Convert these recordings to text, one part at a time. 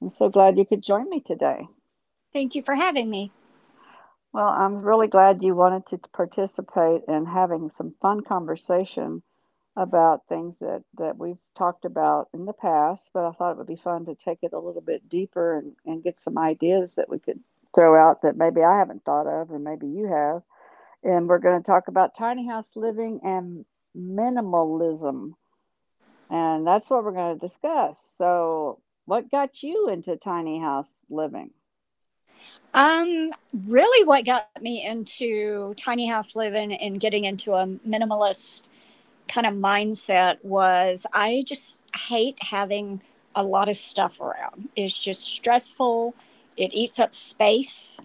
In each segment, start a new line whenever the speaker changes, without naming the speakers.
I'm so glad you could join me today.
Thank you for having me.
Well, I'm really glad you wanted to participate in having some fun conversation about things that we've talked about in the past, but I thought it would be fun to take it a little bit deeper and get some ideas that we could throw out that maybe I haven't thought of, and maybe you have. And we're going to talk about tiny house living and minimalism. And that's what we're going to discuss. So, what got you into tiny house living?
Um, Really, what got me into tiny house living and getting into a minimalist kind of mindset was I just hate having a lot of stuff around. It's just stressful, it eats up space.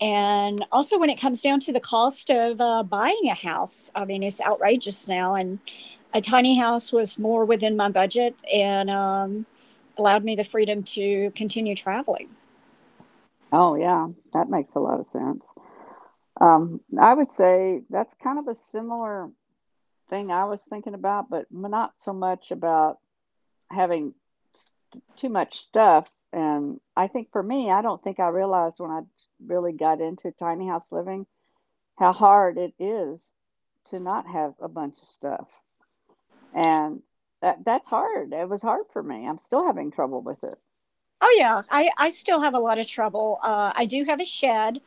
And also, when it comes down to the cost of buying a house, I mean, it's outrageous now. And a tiny house was more within my budget, and allowed me the freedom to continue traveling.
Oh, yeah, that makes a lot of sense. I would say that's kind of a similar thing I was thinking about, but not so much about having too much stuff. And I think for me, I don't think I realized when I really got into tiny house living how hard it is to not have a bunch of stuff. And that's hard. It was hard for me. I'm still having trouble with it.
Oh yeah, I still have a lot of trouble. I do have a shed.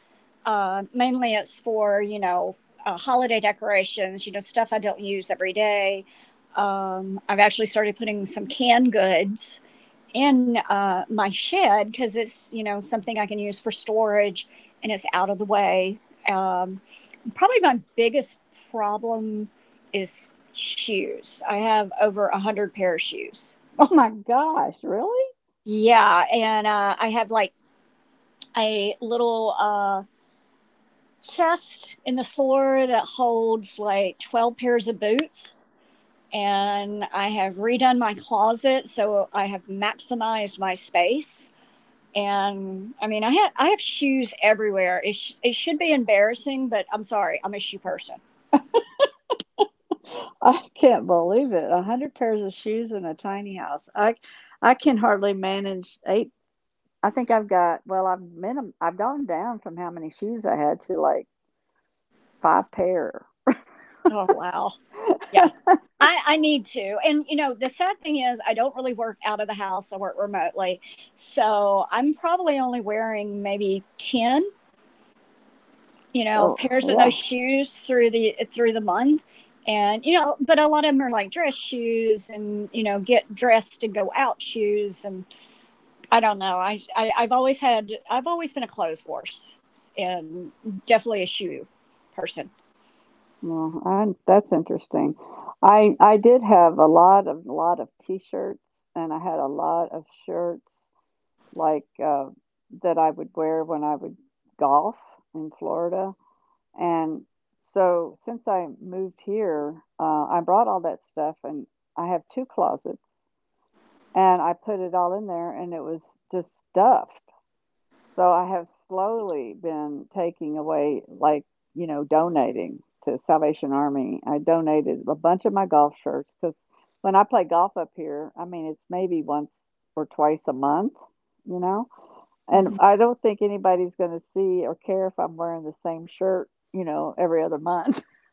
Mainly it's for holiday decorations, stuff I don't use every day. I've actually started putting some canned goods in my shed because it's something I can use for storage, and it's out of the way. Um, Probably my biggest problem is shoes. I have over a hundred pair of shoes.
Oh my gosh, really?
Yeah, and I have like a little chest in the floor that holds like 12 pairs of boots. And I have redone my closet, so I have maximized my space. And I mean, I have shoes everywhere. It should be embarrassing, but I'm sorry, I'm a shoe person.
I can't believe it. A hundred pairs of shoes in a tiny house. I can hardly manage eight. I think I've got well, I've gone down from how many shoes I had to like five pair.
Oh wow, yeah, I need to. And you know, the sad thing is, I don't really work out of the house. I work remotely, so I'm probably only wearing maybe ten
Oh,
pairs of those
yeah.
shoes through the month, and but a lot of them are like dress shoes, and get dressed to go out shoes, and I don't know I I've always had I've always been a clothes horse, and definitely a shoe person.
Well, that's interesting. I did have a lot of t-shirts and I had a lot of shirts like, that I would wear when I would golf in Florida, and so since I moved here, I brought all that stuff, and I have 2 closets, and I put it all in there, and it was just stuffed. So I have slowly been taking away, like, you know, donating to Salvation Army. I donated a bunch of my golf shirts because when I play golf up here, I mean, it's maybe once or twice a month, you know? And
Hmm,
I don't think anybody's gonna see or care if I'm wearing the same shirt, you know, every other month.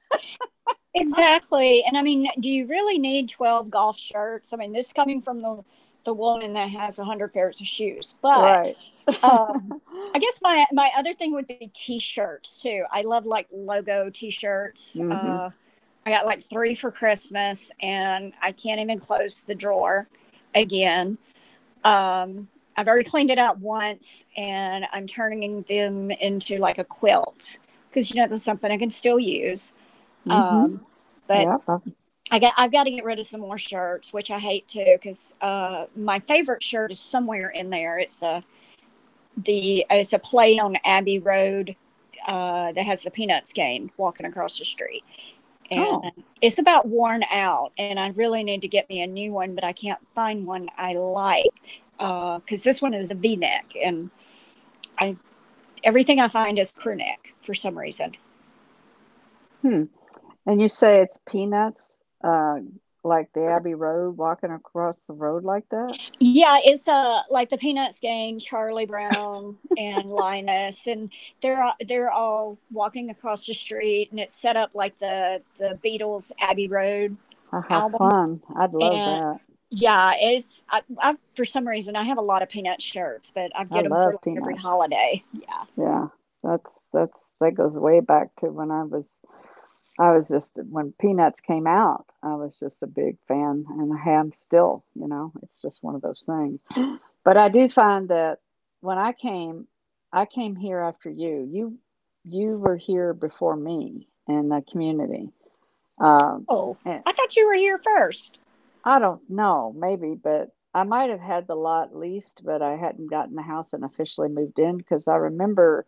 exactly. And I mean, do you really need 12 golf shirts? I mean, this is coming from the woman that has 100 pairs of shoes, but
Right.
Um, I guess my other thing would be t-shirts too. I love like logo t-shirts.
Mhm.
I got like three for Christmas, and I can't even close the drawer again. Um, I've already cleaned it out once, and I'm turning them into like a quilt because that's something I can still use.
Mhm.
But
Yep. I've-
I've got to get rid of some more shirts, which I hate too because my favorite shirt is somewhere in there. It's a play on Abbey Road that has the Peanuts game walking across the street, and
Oh.
it's about worn out. And I really need to get me a new one, but I can't find one I like because this one is a V neck, and I everything I find is crew neck for some reason.
Hmm. And you say it's peanuts, uh, like the Abbey Road, walking across the road like that?
Yeah, it's like the Peanuts gang, Charlie Brown and Linus, and they're all walking across the street, and it's set up like the Beatles Abbey Road
Oh, how
album.
fun. I'd love
And
that.
yeah, it's I for some reason I have a lot of peanut shirts, but I
I
get them for
love
like every
peanuts.
holiday. Yeah.
Yeah. That goes way back to when I was just when Peanuts came out, I was just a big fan, and I am still. You know, it's just one of those things. But I do find that when I came, I came here after you. You were here before me in the community. Um,
Oh,
and
I thought you were here first.
I don't know, maybe, but I might have had the lot leased, but I hadn't gotten the house and officially moved in because I remember.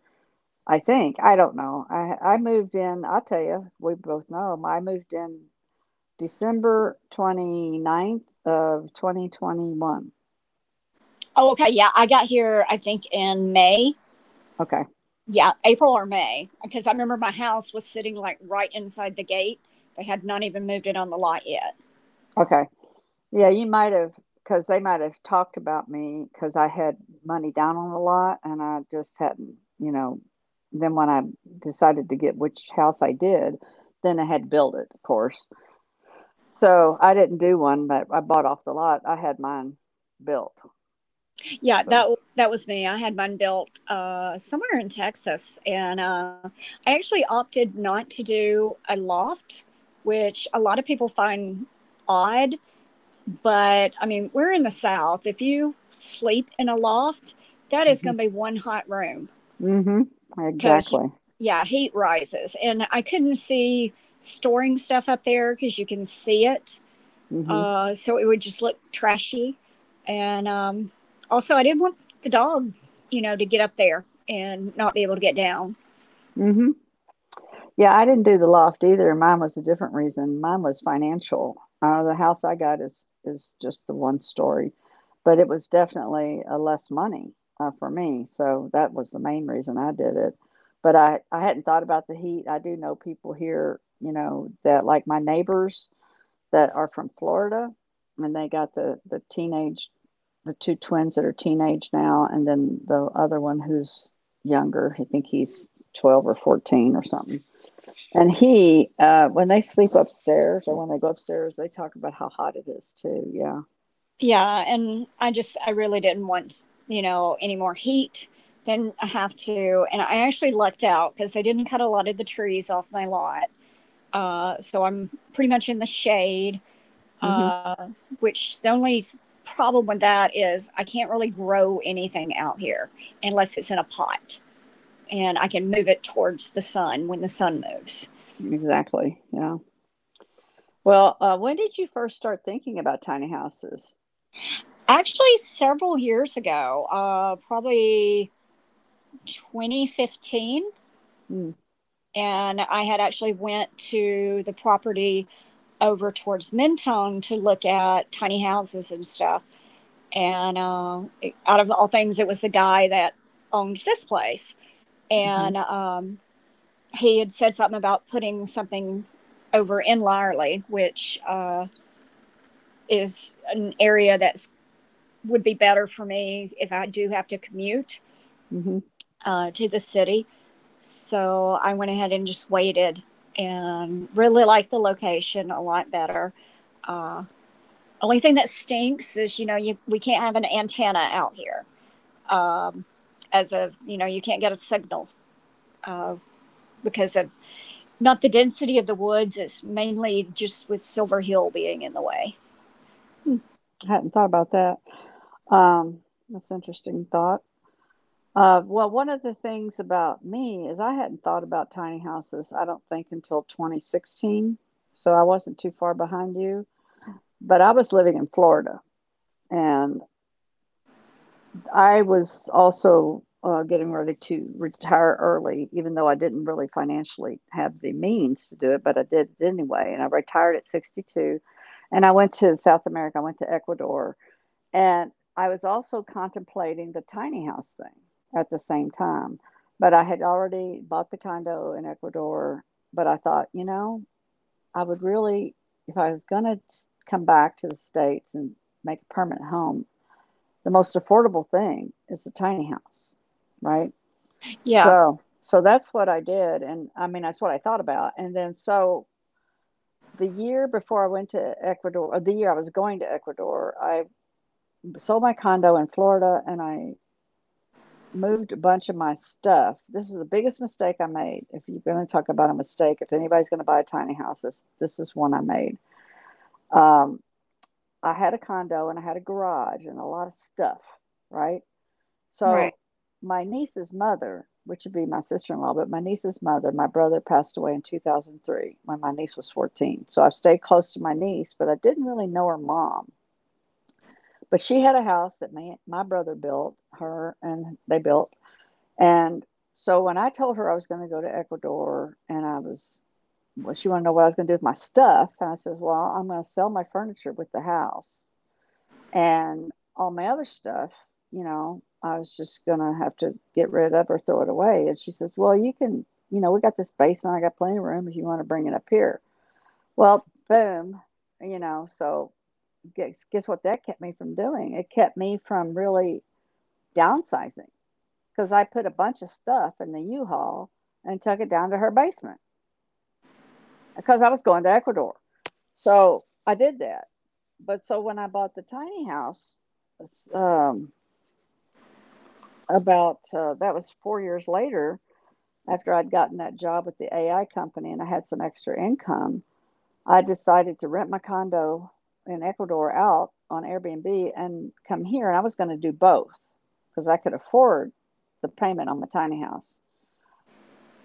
I think I don't know. I moved in. I'll tell you. We both know. I moved in December twenty ninth of 2021.
Oh, okay. Yeah, I got here, I think, in May.
Okay.
Yeah, April or May, because I remember my house was sitting like right inside the gate. They had not even moved it on the lot yet.
Okay. Yeah, you might have, because they might have talked about me because I had money down on the lot and I just hadn't, you know. Then when I decided to get which house I did, then I had to build it, of course. So I didn't do one, but I bought off the lot. I had mine built.
Yeah,
So,
that was me. I had mine built somewhere in Texas, and I actually opted not to do a loft, which a lot of people find odd. But I mean, we're in the South. If you sleep in a loft, that is
hmm
going to be one hot room
hmm
because,
exactly.
yeah, heat rises. And I couldn't see storing stuff up there because you can see it.
hmm
So it would just look trashy. And also, I didn't want the dog, you know, to get up there and not be able to get down.
hmm Yeah, I didn't do the loft either. Mine was a different reason. Mine was financial. The house I got is just the one story, but it was definitely less money for me. So that was the main reason I did it. But I hadn't thought about the heat. I do know people here, you know, that like my neighbors that are from Florida, and they got the two twins that are teenage now, and then the other one who's younger. I think he's 12 or 14 or something and when they sleep upstairs or when they go upstairs, they talk about how hot it is too. Yeah.
Yeah, and I just I really didn't want, you know, any more heat than I have to. And I actually lucked out because they didn't cut a lot of the trees off my lot. So I'm pretty much in the shade,
Hmm.
uh, which the only problem with that is I can't really grow anything out here unless it's in a pot and I can move it towards the sun when the sun moves.
Exactly. Yeah. Well, when did you first start thinking about tiny houses?
Actually, several years ago, probably 2015,
Mm.
and I had actually went to the property over towards Mentone to look at tiny houses and stuff. And out of all things, it was the guy that owned this place,
Mm-hmm.
and he had said something about putting something over in Lyerly, which is an area that would be better for me if I do have to commute
Mm-hmm.
to the city. So I went ahead and just waited, and really liked the location a lot better. Only thing that stinks is, you know, you, we can't have an antenna out here as of, you know, you can't get a signal because of not the density of the woods, it's mainly just with Silver Hill being in the way.
Hmm. I hadn't thought about that. Um, that's an interesting thought. Well, one of the things about me is I hadn't thought about tiny houses, I don't think, until 2016. So I wasn't too far behind you. But I was living in Florida. And. I was also getting ready to retire early, even though I didn't really financially have the means to do it, but I did it anyway. And I retired at 62 and I went to South America, I went to Ecuador. And I was also contemplating the tiny house thing at the same time. But I had already bought the condo in Ecuador. But I thought, you know, I would really, if I was going to come back to the States and make a permanent home, the most affordable thing is the tiny house, right?
Yeah,
So that's what I did, and I mean that's what I thought about. And then, so the year before I went to Ecuador, or the year I was going to Ecuador, I sold my condo in Florida, and I moved a bunch of my stuff. This is the biggest mistake I made. If you're going to talk about a mistake, if anybody's going to buy a tiny house, this is one I made. Um, I had a condo and I had a garage and a lot of stuff, right? So
right.
my niece's mother, which would be my sister-in-law, but my niece's mother, my brother passed away in 2003 when my niece was 14. So I've stayed close to my niece, but I didn't really know her mom. But she had a house that my brother built, her and they built. And so when I told her I was going to go to Ecuador and I was, well, she wanted to know what I was going to do with my stuff. And I says, well, I'm going to sell my furniture with the house and all my other stuff, you know, I was just gonna have to get rid of or throw it away. And she says, well, you can, you know, we got this basement, I got plenty of room if you want to bring it up here. Well, boom, you know, so guess what that kept me from doing? It kept me from really downsizing because I put a bunch of stuff in the U Haul and took it down to her basement because I was going to Ecuador. So I did that. But so when I bought the tiny house, um, about that was 4 years later after I'd gotten that job at the AI company and I had some extra income. I decided to rent my condo in Ecuador out on Airbnb and come here. And I was going to do both because I could afford the payment on my tiny house.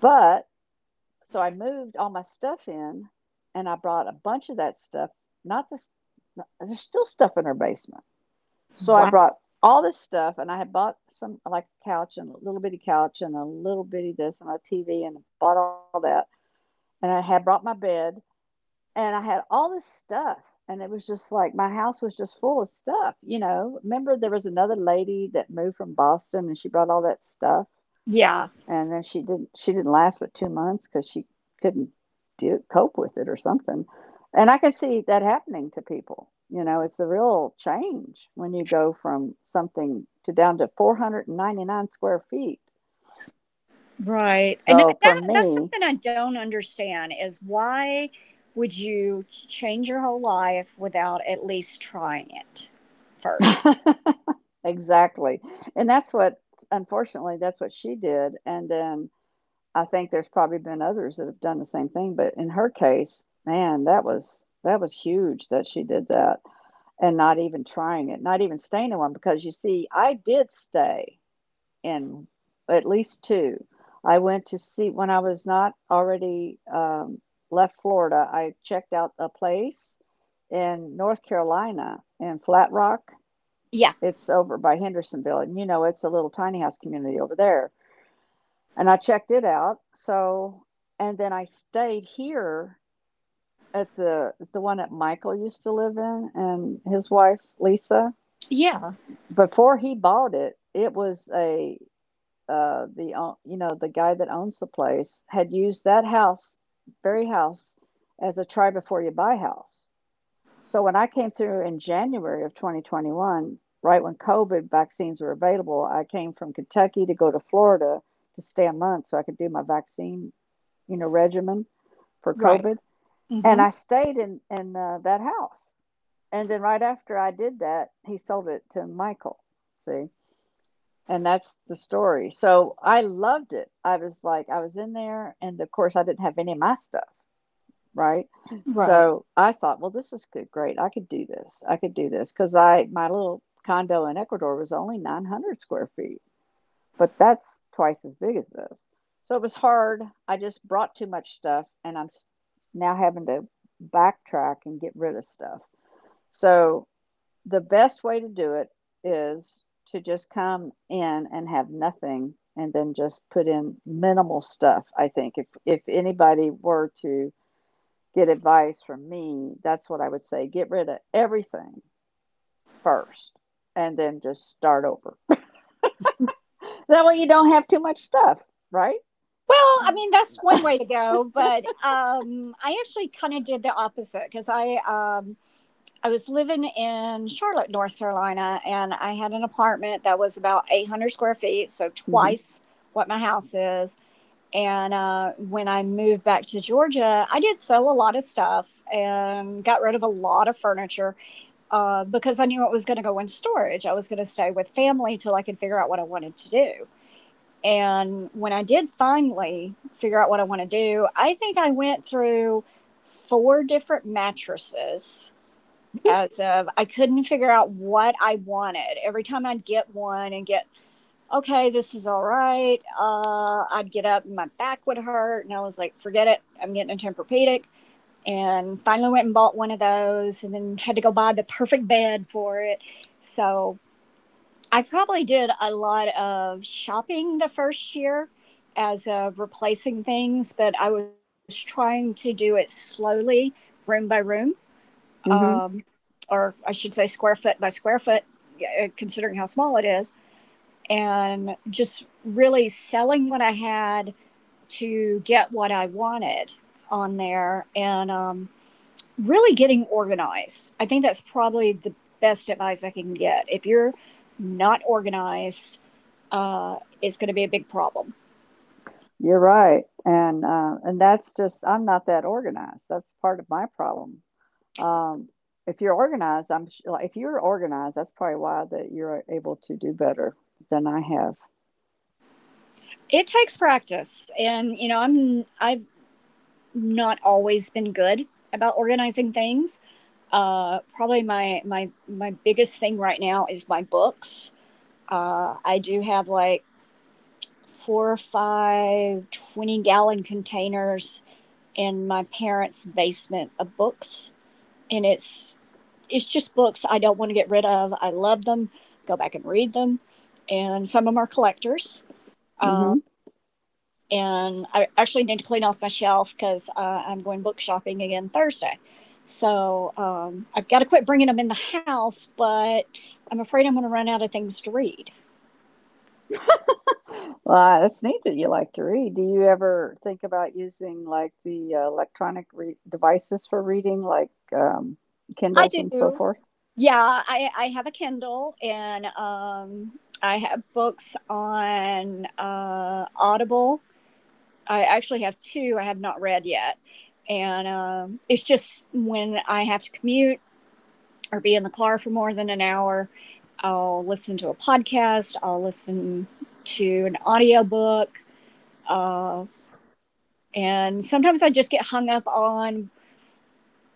But so I moved all my stuff in and I brought a bunch of that stuff, not this, there's still stuff in her basement so I
Wow.
brought all this stuff, and I had bought some like a couch and a little bitty couch and a little bitty this and a TV and bought all that. And I had brought my bed and I had all this stuff. And it was just like my house was just full of stuff, you know. Remember, there was another lady that moved from Boston and she brought all that stuff.
Yeah,
And then she didn't last but 2 months because she couldn't do cope with it or something. And I can see that happening to people, you know, it's a real change when you go from something to down to 499 square feet.
right. And
So for
that that's
me
something I don't understand is why would you change your whole life without at least trying it first?
exactly. And that's what unfortunately, that's what she did, and then I think there's probably been others that have done the same thing, but in her case, man, that was huge that she did that. And not even trying it, not even staying in one, because you see, I did stay in at least two. I went to see when I was not already left Florida, I checked out a place in North Carolina in Flat Rock.
Yeah.
It's over by Hendersonville, and you know, it's a little tiny house community over there. And I checked it out. So, and then I stayed here at the one that Michael used to live in and his wife Lisa.
Yeah,
Before he bought it, it was a, the, o you know, the guy that owns the place had used that house, very house, as a try before you buy house. So when I came through in January of 2021, right when COVID vaccines were available, I came from Kentucky to go to Florida to stay a month so I could do my vaccine, regimen for
right.
COVID.
Hmm.
And I stayed in that house. And then right after I did that, he sold it to Michael. See? And that's the story. So I loved it. I was like, I was in there, and of course, I didn't have any of my stuff, right?
Right.
So I thought, well, this is good, great. I could do this. I could do this because I my little condo in Ecuador was only 900 square feet, but that's twice as big as this. So it was hard. I just brought too much stuff, and now having to backtrack and get rid of stuff. So the best way to do it is to just come in and have nothing and then just put in minimal stuff, I think. If anybody were to get advice from me, that's what I would say. Get rid of everything first and then just start over. That way you don't have too much stuff, right?
Well, I mean, that's one way to go, but I actually kind of did the opposite because I was living in Charlotte, North Carolina, and I had an apartment that was about 800 square feet, so
Mhm.
twice what my house is. And when I moved back to Georgia, I did sell a lot of stuff and got rid of a lot of furniture because I knew it was going to go in storage. I was going to stay with family till I could figure out what I wanted to do. And when I did finally figure out what I want to do, I think I went through four different mattresses as of I couldn't figure out what I wanted. Every time I'd get one and get, okay, this is all right, I'd get up and my back would hurt. And I was like, forget it, I'm getting a Tempur-Pedic. And finally went and bought one of those and then had to go buy the perfect bed for it. So I probably did a lot of shopping the first year as replacing things, but I was trying to do it slowly, room by room,
Mhm.
or I should say square foot by square foot, considering how small it is, and just really selling what I had to get what I wanted on there. And really getting organized. I think that's probably the best advice I can get. If you're not organized, it's going to be a big problem.
You're right. And that's just I'm not that organized. That's part of my problem. Um, if you're organized, if you're organized, that's probably why that you're able to do better than I have.
It takes practice, and you know I've not always been good about organizing things. Probably my biggest thing right now is my books. I do have like four or five 20-gallon containers in my parents' basement of books, and it's just books I don't want to get rid of. I love them. Go back and read them, and some of them are collectors. Um,
Mhm.
and I actually need to clean off my shelf because I'm going book shopping again Thursday. So I've got to quit bringing them in the house, but I'm afraid I'm going to run out of things to read.
Well, that's neat that you like to read. Do you ever think about using, like, the electronic re devices for reading, like,
I
Kindles and so
do.
forth?
Yeah, I have a Kindle, and I have books on Audible. I actually have two I have not read yet. And it's just when I have to commute or be in the car for more than an hour, I'll listen to a podcast, I'll listen to an audiobook. And sometimes I just get hung up on,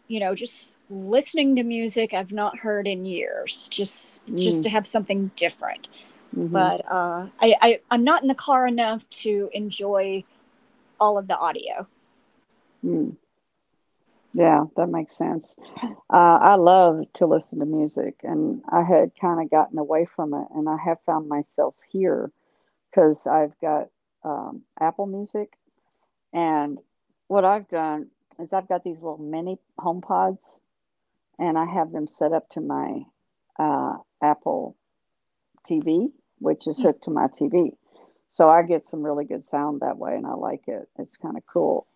you know, just listening to music I've not heard in years, just
Mm,
to have something different.
mhm,
But I'm not in the car enough to enjoy all of the audio.
mm. Yeah, that makes sense. I love to listen to music, and I had kinda gotten away from it, and I have found myself here because 'cause I've got, Apple Music. And what I've done is I've got these little mini home pods and I have them set up to my uh, Apple TV, which is hooked to my TV. So I get some really good sound that way and I like it. It's kind of cool.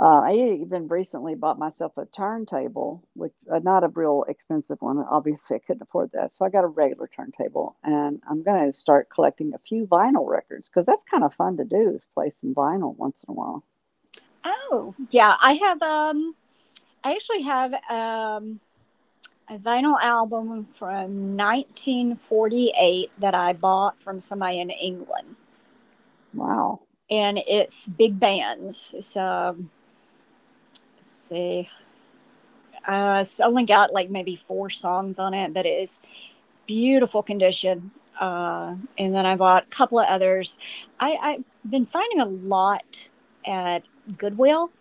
I even recently bought myself a turntable, which not a real expensive one. Obviously, I couldn't afford that. So I got a regular turntable and I'm going to start collecting a few vinyl records because that's kind of fun to do is play some vinyl once in a while.
Oh, yeah, I actually have a vinyl album from 1948 that I bought from somebody in England,
Wow.
and it's big bands. So let's see, it's only got like maybe four songs on it, but it's beautiful condition. And then I bought a couple of others. I've been finding a lot at Goodwill.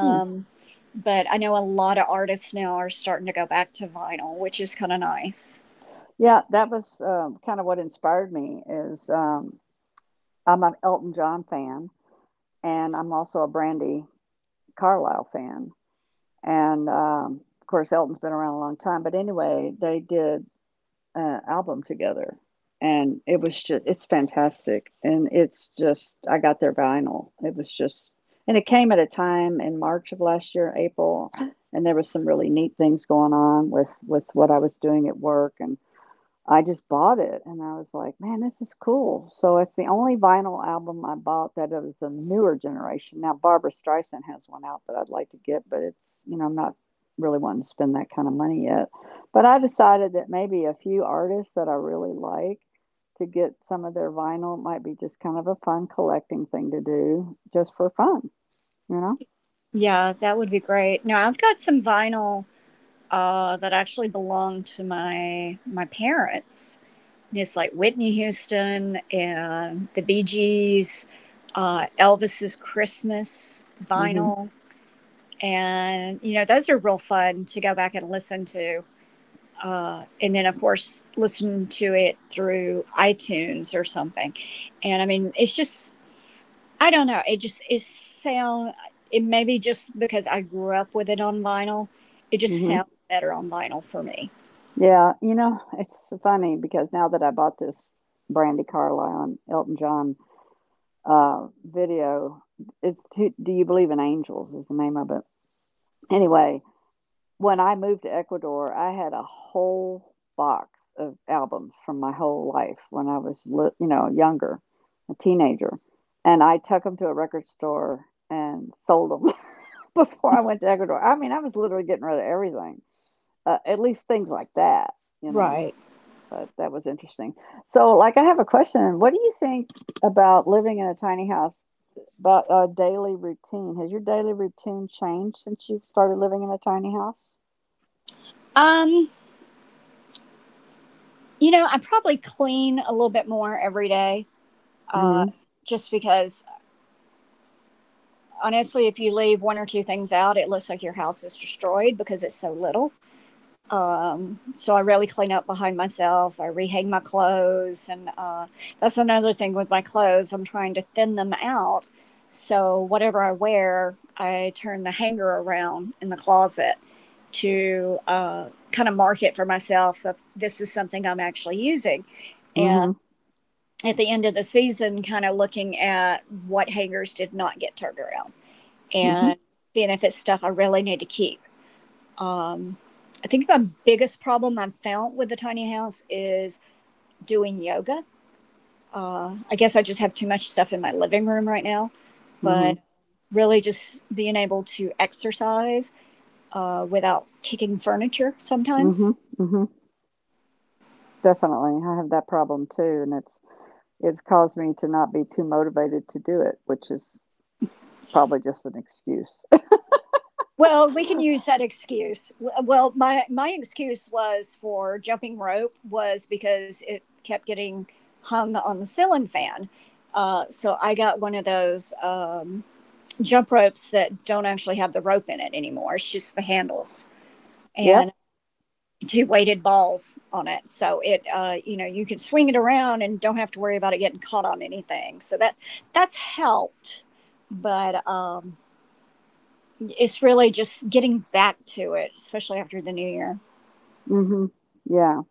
Hmm.
but I know a lot of artists now are starting to go back to vinyl, which is kind of nice.
Yeah, that was kind of what inspired me. Is I'm an Elton John fan, and I'm also a Brandy Carlisle fan, and of course Elton's been around a long time. But anyway, they did an album together, and it's fantastic, and it's just I got their vinyl. It was just, and it came at a time in March of last year, April, and there was some really neat things going on with what I was doing at work and I just bought it, and I was like, "Man, this is cool." So it's the only vinyl album I bought that is the newer generation. Now Barbara Streisand has one out that I'd like to get, but it's you know I'm not really wanting to spend that kind of money yet. But I decided that maybe a few artists that I really like to get some of their vinyl might be just kind of a fun collecting thing to do, just for fun, you know.
Yeah, that would be great. No, I've got some vinyl that actually belonged to my parents. And it's like Whitney Houston and the Bee Gees, Elvis's Christmas
Mhm.
vinyl, and you know those are real fun to go back and listen to. And then of course listen to it through iTunes or something. And I mean, it's just I don't know. It maybe just because I grew up with it on vinyl. It just
Mhm.
sounds better on vinyl for me.
Yeah, you know, it's funny because now that I bought this Brandy Carlisle and Elton John video. It's to, Do You Believe in Angels is the name of it. Anyway, when I moved to Ecuador, I had a whole box of albums from my whole life when I was, you know, younger, a teenager. And I took them to a record store and sold them before I went to Ecuador. I mean, I was literally getting rid of everything, at least things like that, you know.
Right.
But that was interesting. So, like, I have a question. What do you think about living in a tiny house about a daily routine. Has your daily routine changed since you've started living in a tiny house?
Um, you know, I probably clean a little bit more every day. Uh,
Mhm,
just because honestly, if you leave one or two things out, it looks like your house is destroyed because it's so little. So I really clean up behind myself. I rehang my clothes, and that's another thing with my clothes. I'm trying to thin them out, so whatever I wear, I turn the hanger around in the closet to kind of mark it for myself if this is something I'm actually using, and
mhm,
at the end of the season, kind of looking at what hangers did not get turned around
mhm,
and seeing if it's stuff I really need to keep. I think my biggest problem I've found with the tiny house is doing yoga. I guess I just have too much stuff in my living room right now,
mhm,
but really just being able to exercise without kicking furniture sometimes.
mhm, mhm. Definitely, I have that problem too, and it's caused me to not be too motivated to do it, which is probably just an excuse.
Well, we can use that excuse. Well, my excuse was for jumping rope was because it kept getting hung on the ceiling fan. So I got one of those. Jump ropes that don't actually have the rope in it anymore. It's just the handles
Yep.
and two weighted balls on it. So it, you know, you can swing it around and don't have to worry about it getting caught on anything. So that's helped, but it's really just getting back to it, especially after the new year.
Mhm. Yeah.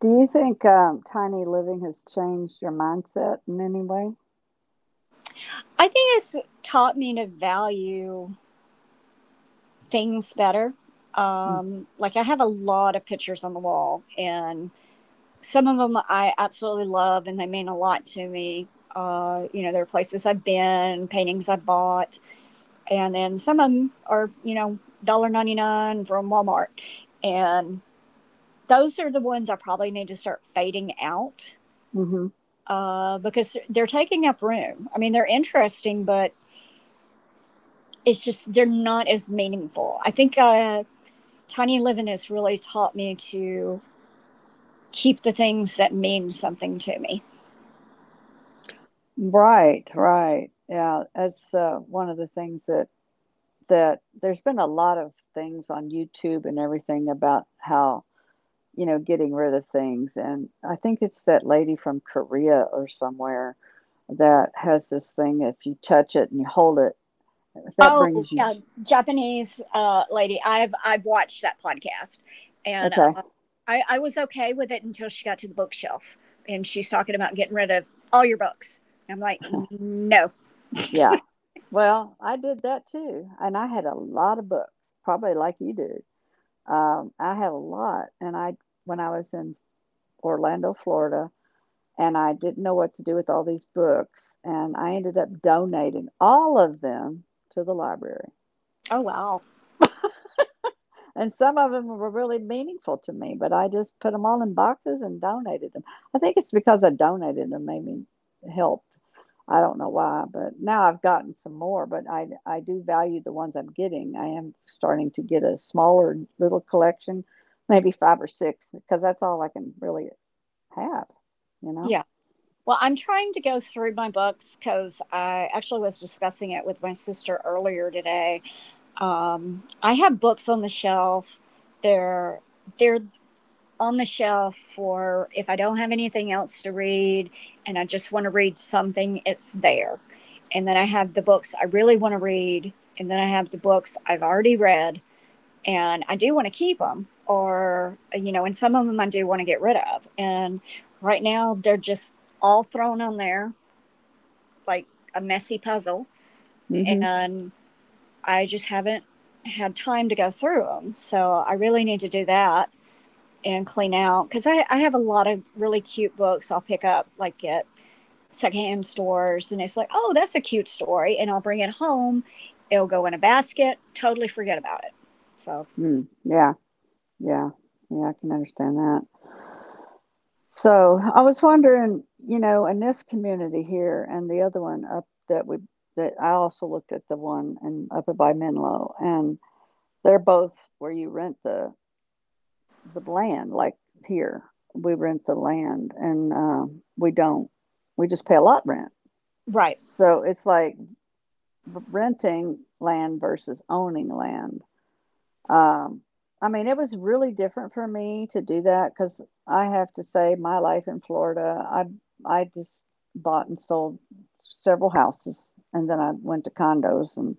Do you think, tiny living has changed your mindset in any way?
I think it's taught me to value things better.
Mm,
Like I have a lot of pictures on the wall and some of them I absolutely love and they mean a lot to me. You know, there are places I've been, paintings I bought, and then some of them are, you know, 0.99 from Walmart. And those are the ones I probably need to start fading out
mhm.
because they're taking up room. I mean, they're interesting, but it's just, they're not as meaningful. I think Tiny Living has really taught me to keep the things that mean something to me.
Right, right. Yeah, that's, one of the things that there's been a lot of things on YouTube and everything about how, you know, getting rid of things. And I think it's that lady from Korea or somewhere that has this thing if you touch it and you hold it, that
Oh
brings you.
yeah, Japanese lady. I've watched that podcast, and
Okay,
I was okay with it until she got to the bookshelf, and she's talking about getting rid of all your books. And I'm like, no.
yeah. Well, I did that too. And I had a lot of books, probably like you do. I had a lot. When I was in Orlando, Florida, and I didn't know what to do with all these books, and I ended up donating all of them to the library.
Oh wow.
And some of them were really meaningful to me, but I just put them all in boxes and donated them. I think it's because I donated them made me helped. I don't know why, but now I've gotten some more, but I do value the ones I'm getting. I am starting to get a smaller little collection, maybe 5 or 6 because that's all I can really have, you know?
Yeah. Well, I'm trying to go through my books because I actually was discussing it with my sister earlier today. I have books on the shelf. They're they're on the shelf for if I don't have anything else to read and I just want to read something, it's there. And then I have the books I really want to read, and then I have the books I've already read, and I do want to keep them, or, you know, and some of them I do want to get rid of. And right now, they're just all thrown on there like a messy puzzle,
Mm Mhm.
and I just haven't had time to go through them. So I really need to do that and clean out because I have a lot of really cute books I'll pick up like at secondhand stores and it's like, oh, that's a cute story, and I'll bring it home, it'll go in a basket, totally forget about it, so
Mm, yeah. Yeah. Yeah, I can understand that. So, I was wondering, you know, in this community here and the other one up that I also looked at the one and up at by Menlo, and they're both where you rent the land, like here. We rent the land and, we don't. We just pay a lot rent.
right,
So, it's like renting land versus owning land. Um, I mean, it was really different for me to do that because I have to say, my life in Florida, I just bought and sold several houses, and then I went to condos, and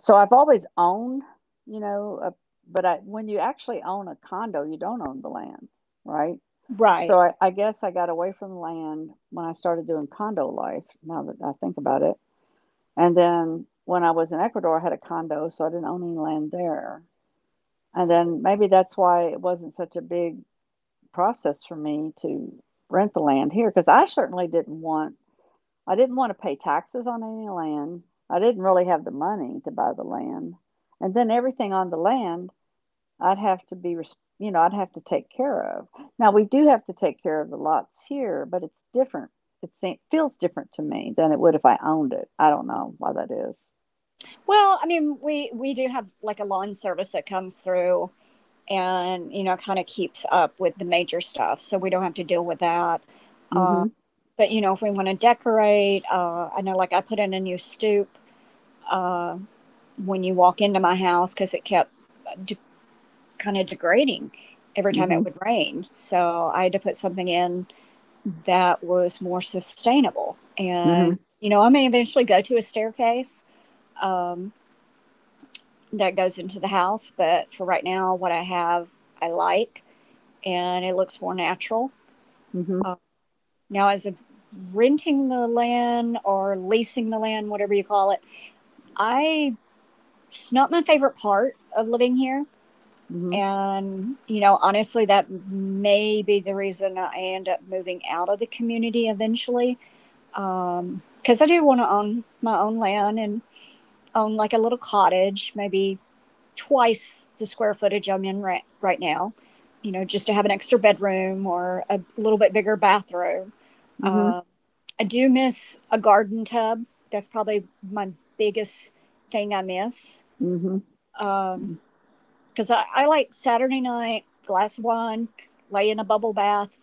so I've always owned, you know, a, but I, when you actually own a condo, you don't own the land, right? So
right.
I guess I got away from the land when I started doing condo life. Now that I think about it, and then when I was in Ecuador, I had a condo, so I didn't own any land there. And then maybe that's why it wasn't such a big process for me to rent the land here, because I certainly didn't want I didn't wanna pay taxes on any land. I didn't really have the money to buy the land. And then everything on the land, I'd have to be res you know, I'd have to take care of. Now we do have to take care of the lots here, but it's different. It se feels different to me than it would if I owned it. I don't know why that is.
Well, I mean, we do have like a lawn service that comes through and you know kind of keeps up with the major stuff so we don't have to deal with that, uh,
Mhm,
but you know if we want to decorate, I know like I put in a new stoop, uh, when you walk into my house because it kept uh, de- kind of degrading every time it
mhm,
would rain. So I had to put something in that was more sustainable.
mhm,
And, you know, I may eventually go to a staircase, um, that goes into the house, but for right now, what I have, I like and it looks more natural.
mhm,
Now, as of renting the land or leasing the land, whatever you call it, I, it's not my favorite part of living here.
mhm,
And, you know, honestly, that may be the reason I end up moving out of the community eventually. Because I do want to own my own land and own like a little cottage, maybe twice the square footage I'm in right now, you know, just to have an extra bedroom or a little bit bigger bathroom.
mhm,
Um, I do miss a garden tub. That's probably my biggest thing I miss.
mhm,
Um,
mhm,
because I like Saturday night, glass of wine, lay in a bubble bath,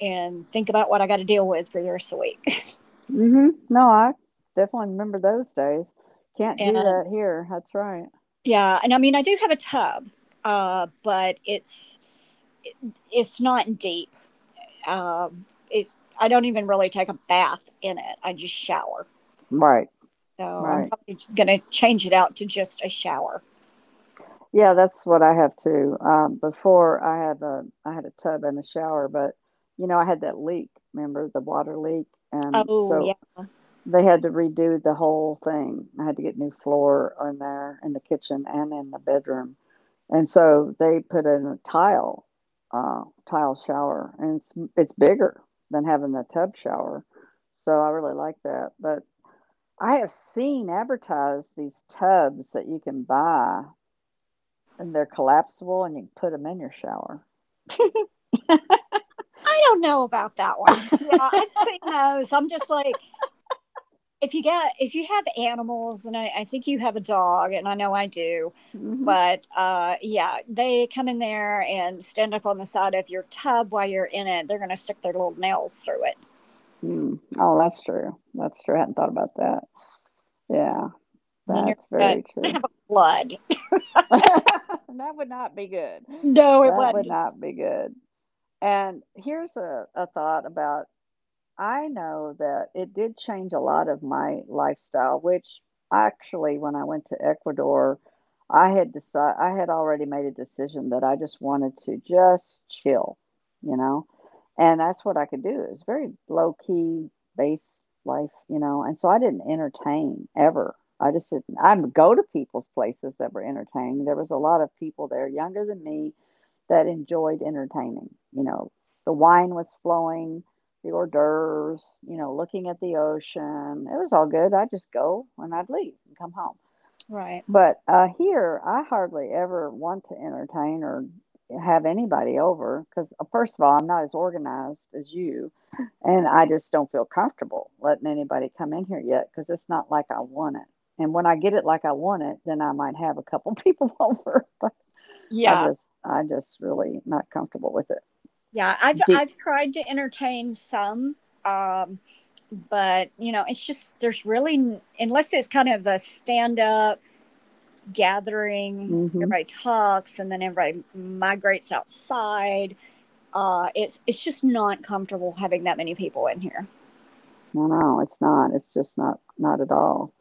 and think about what I got to deal with for the rest of the week.
Mhm. No, I definitely remember those days. Can't do
And
that here. That's right.
yeah, and I mean I do have a tub, but it's not deep. It's I don't even really take a bath in it. I just shower.
Right.
So I'm
Right.
probably gonna change it out to just a shower.
Yeah, that's what I have too. Before I had a tub and a shower, but you know I had that leak. Remember the water leak? And
Oh
so
yeah,
they had to redo the whole thing. I had to get new floor in there in the kitchen and in the bedroom. And so they put in a tile, uh, tile shower, and it's bigger than having the tub shower. So I really like that. But I have seen advertised these tubs that you can buy, and they're collapsible, and you can put them in your shower.
I don't know about that one. Yeah, I've seen those. I'm just like if you get if you have animals and I think you have a dog and I know I do
Hmm.
but yeah they come in there and stand up on the side of your tub while you're in it, they're going to stick their little nails through it
Mm. Oh, that's true. That's true. I hadn't thought about that. Yeah,
and then you're
that's
going to
very true.
blood.
That would not be good.
No, it
That would
wasn't.
not be good. And here's a thought about I know that it did change a lot of my lifestyle, which actually, when I went to Ecuador, I had decided I had already made a decision that I just wanted to just chill, you know, and that's what I could do. It was very low key base life, you know, and so I didn't entertain ever. I just didn't. I'd go to people's places that were entertaining. There was a lot of people there younger than me that enjoyed entertaining. You know, the wine was flowing, the hors d'oeuvres, you know, looking at the ocean. It was all good. I'd just go and I'd leave and come home.
Right.
But here, I hardly ever want to entertain or have anybody over because, first of all, I'm not as organized as you. And I just don't feel comfortable letting anybody come in here yet because it's not like I want it. And when I get it like I want it, then I might have a couple people over. But I
Yeah,
just, I just really not comfortable with it.
yeah i've
Deep.
i've tried to entertain some um but you know it's just there's really unless it's kind of a stand up gathering,
Mm-hmm.
everybody talks and then everybody migrates outside. It's just not comfortable having that many people in here.
No, no, it's not. It's just not, not at all.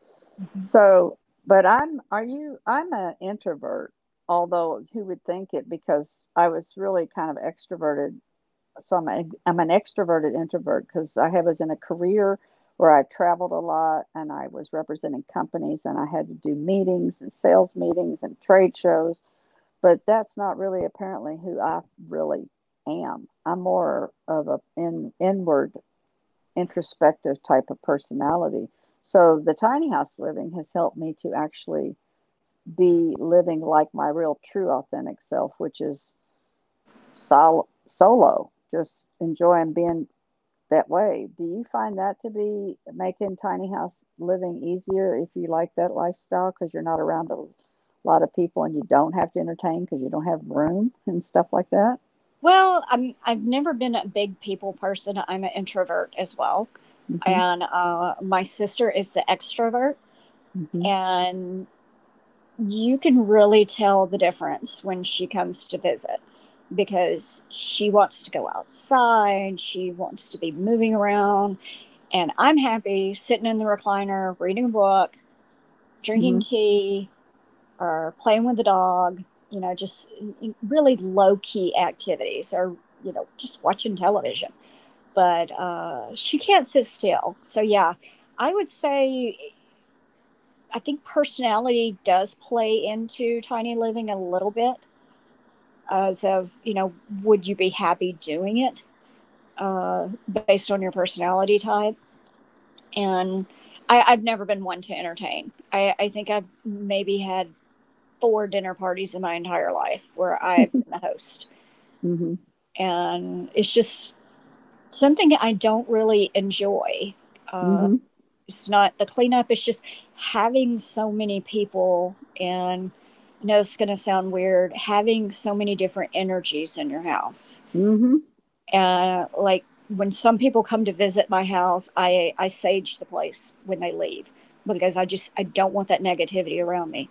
So, but I'm an introvert, although who would think it because I was really kind of extroverted. So I'm an extroverted introvert because I have was in a career where I traveled a lot and I was representing companies and I had to do meetings and sales meetings and trade shows. But that's not really apparently who I really am. I'm more of a in inward, introspective type of personality. So the tiny house living has helped me to actually be living like my real, true, authentic self, which is solo, just enjoying being that way. Do you find that to be making tiny house living easier if you like that lifestyle because you're not around a lot of people and you don't have to entertain because you don't have room and stuff like that?
Well, I've never been a big people person. I'm an introvert as well,
Mm.
and my sister is the extrovert,
Mhm.
and you can really tell the difference when she comes to visit because she wants to go outside, she wants to be moving around, and I'm happy sitting in the recliner, reading a book,
Mm
drinking
mhm.
tea, or playing with the dog, you know, just really low key activities or, you know, just watching television. But she can't sit still. So, yeah, I would say I think personality does play into tiny living a little bit as of, you know, would you be happy doing it based on your personality type? And I've never been one to entertain. I think I've maybe had 4 dinner parties in my entire life where I've been the host.
Mm mhm.
And it's just something I don't really enjoy.
Mm
Uh,
mhm.
it's not the cleanup, it's just having so many people and I know it's going to sound weird having so many different energies in your house.
Mhm. Mhm.
And like when some people come to visit my house, I sage the place when they leave because I just I don't want that negativity around me.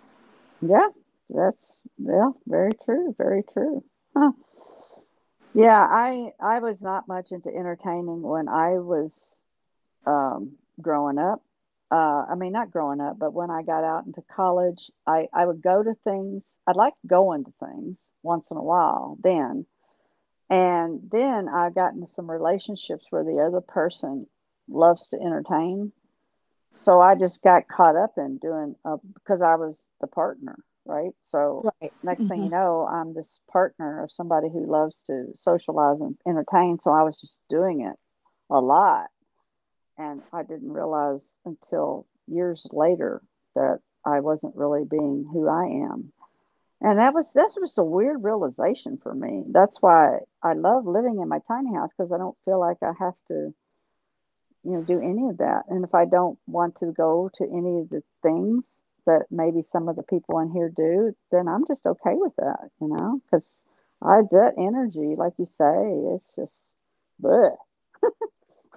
Yeah, that's yeah, very true, very true. Huh. Yeah, I was not much into entertaining when I was growing up. I mean, not growing up, but when I got out into college, I would go to things. I liked going to things once in a while then. And then I got into some relationships where the other person loves to entertain. So I just got caught up in doing, because I was the partner, right? So
Right.
next thing you
Hmm.
know, I'm this partner of somebody who loves to socialize and entertain. So I was just doing it a lot and I didn't realize until years later that I wasn't really being who I am. And that was a weird realization for me. That's why I love living in my tiny house because I don't feel like I have to do any of that. And if I don't want to go to any of the things that maybe some of the people in here do, then I'm just okay with that, because I that energy, like you say, it's just, bleh.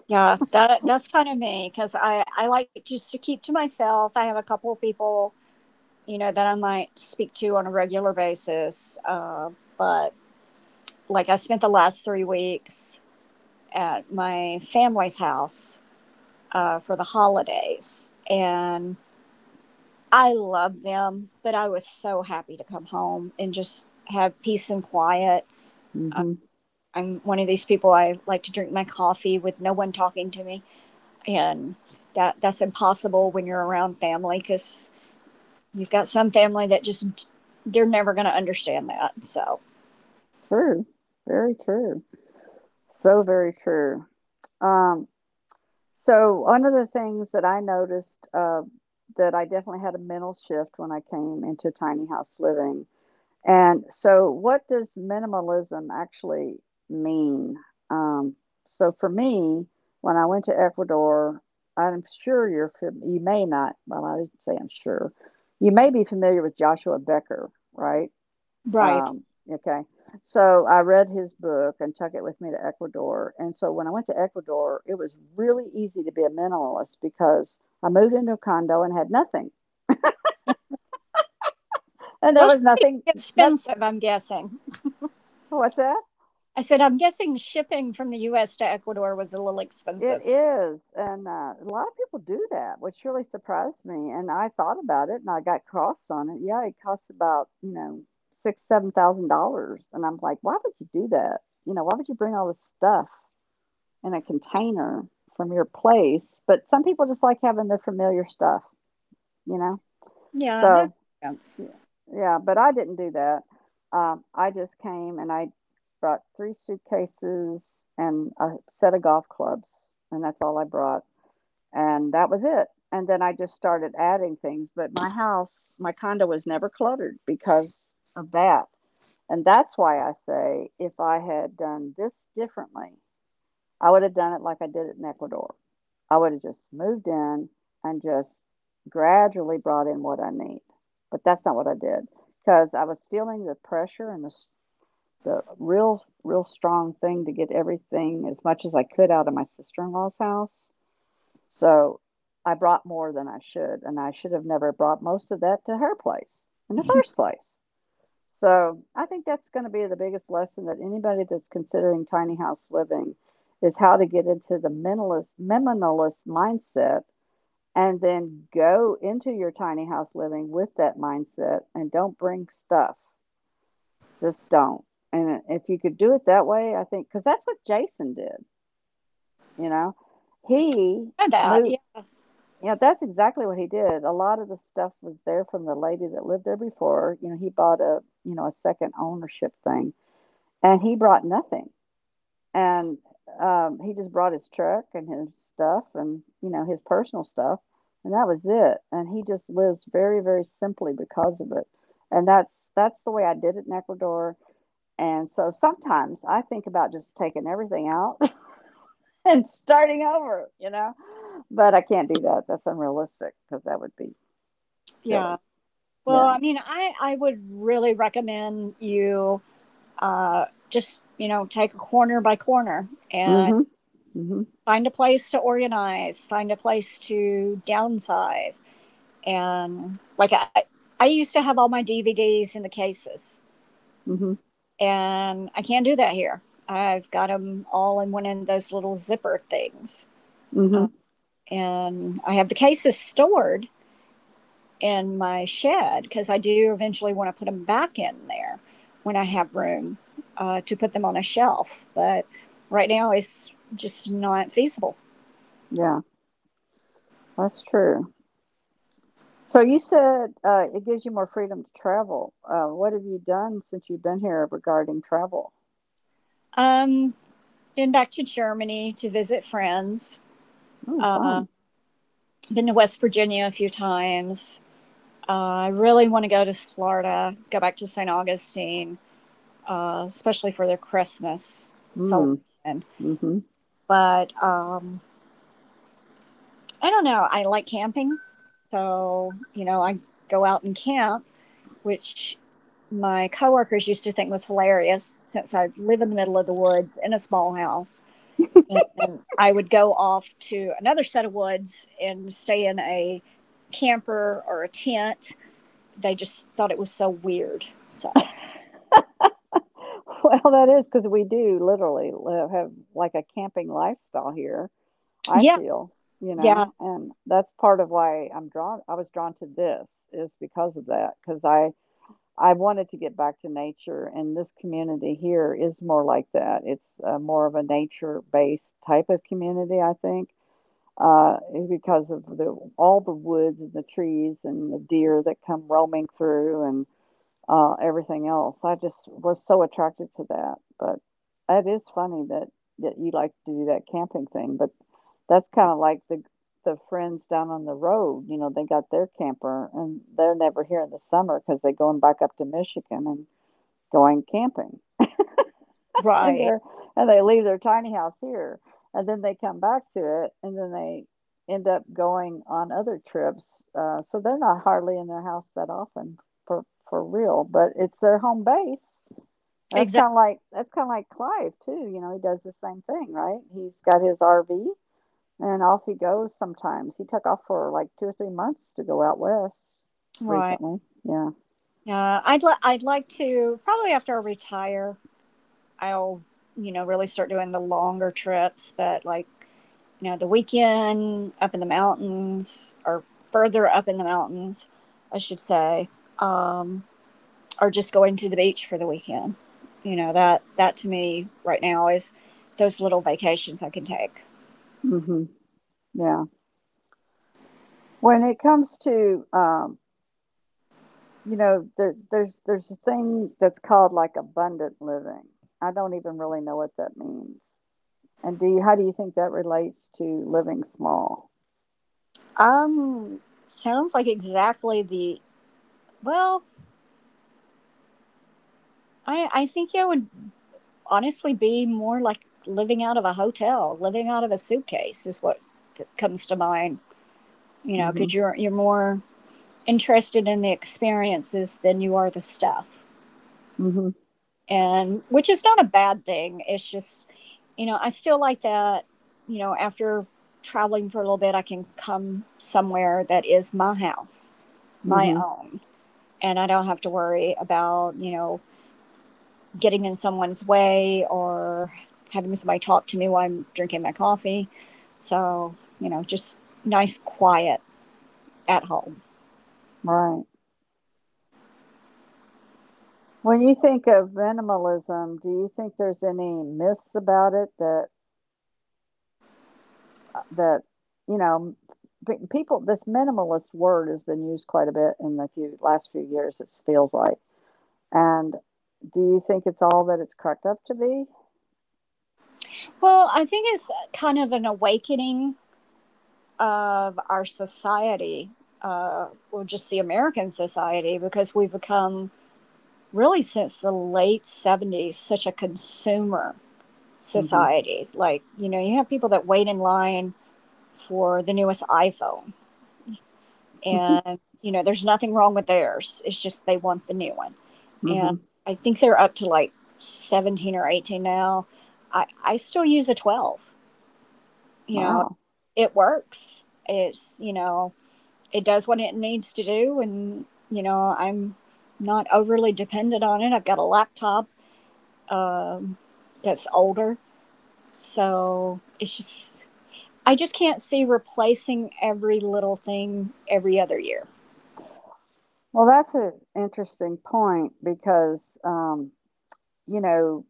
Yeah, that that's kind of me because I like just to keep to myself. I have a couple of people you know that I might speak to on a regular basis, but like I spent the last 3 weeks at my family's house for the holidays, and I love them, but I was so happy to come home and just have peace and quiet.
hmm
I'm one of these people I like to drink my coffee with no one talking to me and that that's impossible when you're around family because you've got some family that just they're never going to understand that. So
True, very true. So very true. Um, so one of the things that I noticed that I definitely had a mental shift when I came into tiny house living. And so, what does minimalism actually mean? Um, so for me, when I went to Ecuador, I'm sure you may not. Well, I didn't say I'm sure. You may be familiar with Joshua Becker, right?
right,
Um, okay. So I read his book and took it with me to Ecuador. And so when I went to Ecuador, it was really easy to be a minimalist because I moved into a condo and had nothing. And there
well,
was
shipping
nothing,
gets
not,
expensive. I'm guessing.
what's that?
I said I'm guessing shipping from the U.S. to Ecuador was a little
It
expensive.
is. And a lot of people do that, which really surprised me. And I thought about it and I got crossed on it. Yeah, it costs about, six, $7,000. And I'm like, why would you do that? You know, why would you bring all this stuff in a container from your place, but some people just like having their familiar stuff, you know?
Yeah, that
So,
makes
yeah,
sense.
yeah, but I didn't do that. I just came and I brought 3 suitcases and a set of golf clubs, and that's all I brought, and that was it. And then I just started adding things, but my house, my condo was never cluttered because of that. And that's why I say if I had done this differently I would have done it like I did it in Ecuador. I would have just moved in and just gradually brought in what I need. But that's not what I did because I was feeling the pressure and the real strong thing to get everything as much as I could out of my sister-in-law's house. So I brought more than I should, and I should have never brought most of that to her place in the first place. So I think that's going to be the biggest lesson that anybody that's considering tiny house living is how to get into the minimalist mindset and then go into your tiny house living with that mindset and don't bring stuff. Just don't. And if you could do it that way, I think because that's what Jason did, you know. He
I know that. Yeah,
moved yeah, that's exactly what he did. A lot of the stuff was there from the lady that lived there before. You know, he bought a you know a second ownership thing and he brought nothing. And he just brought his truck and his stuff and, his personal stuff. And that was it. And he just lives very, very simply because of it. And that's the way I did it in Ecuador. And so sometimes I think about just taking everything out and starting over. But I can't do that. That's unrealistic because that would be
yeah.
silly.
Well,
Yeah.
I mean, I would really recommend you just you know take a corner by corner and
Mhm. Mhm.
find a place to organize, find a place to downsize and like I used to have all my DVDs in the cases,
Mhm.
and I can't do that here. I've got them all in one of those little zipper things, uh,
Mhm.
and I have the cases stored in my shed because I do eventually want to put them back in there when I have room to put them on a shelf. But right now, it's just not feasible.
Yeah. That's true. So you said it gives you more freedom to travel. What have you done since you've been here regarding travel?
Um, been back to Germany to visit friends.
Oh,
Uh,
fun.
been to West Virginia a few times. I really want to go to Florida, go back to St. Augustine, especially for the Christmas
Mm,
celebration.
mm-hmm.
But I don't know. I like camping. So, you know, I go out and camp, which my coworkers used to think was hilarious since I live in the middle of the woods in a small house. And then I would go off to another set of woods and stay in a camper or a tent. They just thought it was so weird. So,
Well, that is because we do literally live, have like a camping lifestyle here, I
yeah.
feel,
Yeah,
and that's part of why I'm drawn, I was drawn to this is because of that, because I wanted to get back to nature, and this community here is more like that. It's more of a nature-based type of community, I think uh, because of the all the woods and the trees and the deer that come roaming through and everything else. I just was so attracted to that. But it is funny that you like to do that camping thing, but that's kind of like the friends down on the road. You know, they got their camper and they're never here in the summer because they're going back up to Michigan and going camping and
right.
they're and they leave their tiny house here and then they come back to it and then they end up going on other trips so they're not hardly in their house that often for for real but it's their home base. And that's
Exactly.
kind of like that's kind of like Clive too, he does the same thing, right, he's got his RV and off he goes. Sometimes he took off for like 2 or 3 months to go out west
Right.
recently. Yeah.
Yeah, I'd like to probably after I retire, I'll really start doing the longer trips. But like the weekend up in the mountains or further up in the mountains, I should say, um, or just going to the beach for the weekend. You know that to me right now is those little vacations I can take.
Hmm. Yeah. When it comes to, there's a thing that's called like abundant living. I don't even really know what that means. And do you how do you think that relates to living small?
Um, sounds like exactly the well. I I think I would honestly be more like living out of a hotel, living out of a suitcase is what comes to mind. You know, because
Mm-hmm.
you're more interested in the experiences than you are the stuff,
Mm-hmm.
and which is not a bad thing. It's just, you know, I still like that. You know, after traveling for a little bit, I can come somewhere that is my house, my
Mm-hmm.
own, and I don't have to worry about getting in someone's way or having somebody talk to me while I'm drinking my coffee. So, you know, just nice quiet at home.
Right. When you think of minimalism, do you think there's any myths about it that you know people, this minimalist word has been used quite a bit in the few last few years it feels like, and do you think it's all that it's cracked up to be?
Well, I think it's kind of an awakening of our society, or just the American society, because we've become really since the late 70s such a consumer
Mm-hmm.
society. Like, you know, you have people that wait in line for the newest iPhone. And you know there's nothing wrong with theirs, it's just they want the new one. And
Mm-hmm.
I think they're up to like 17 or 18 now. I still use a 12, you know.
Wow.
It works. It's, you know, it does what it needs to do. And you know I'm not overly dependent on it. I've got a laptop, um, that's older. So it's just, I just can't see replacing every little thing every other year.
Well, that's an interesting point because, you know,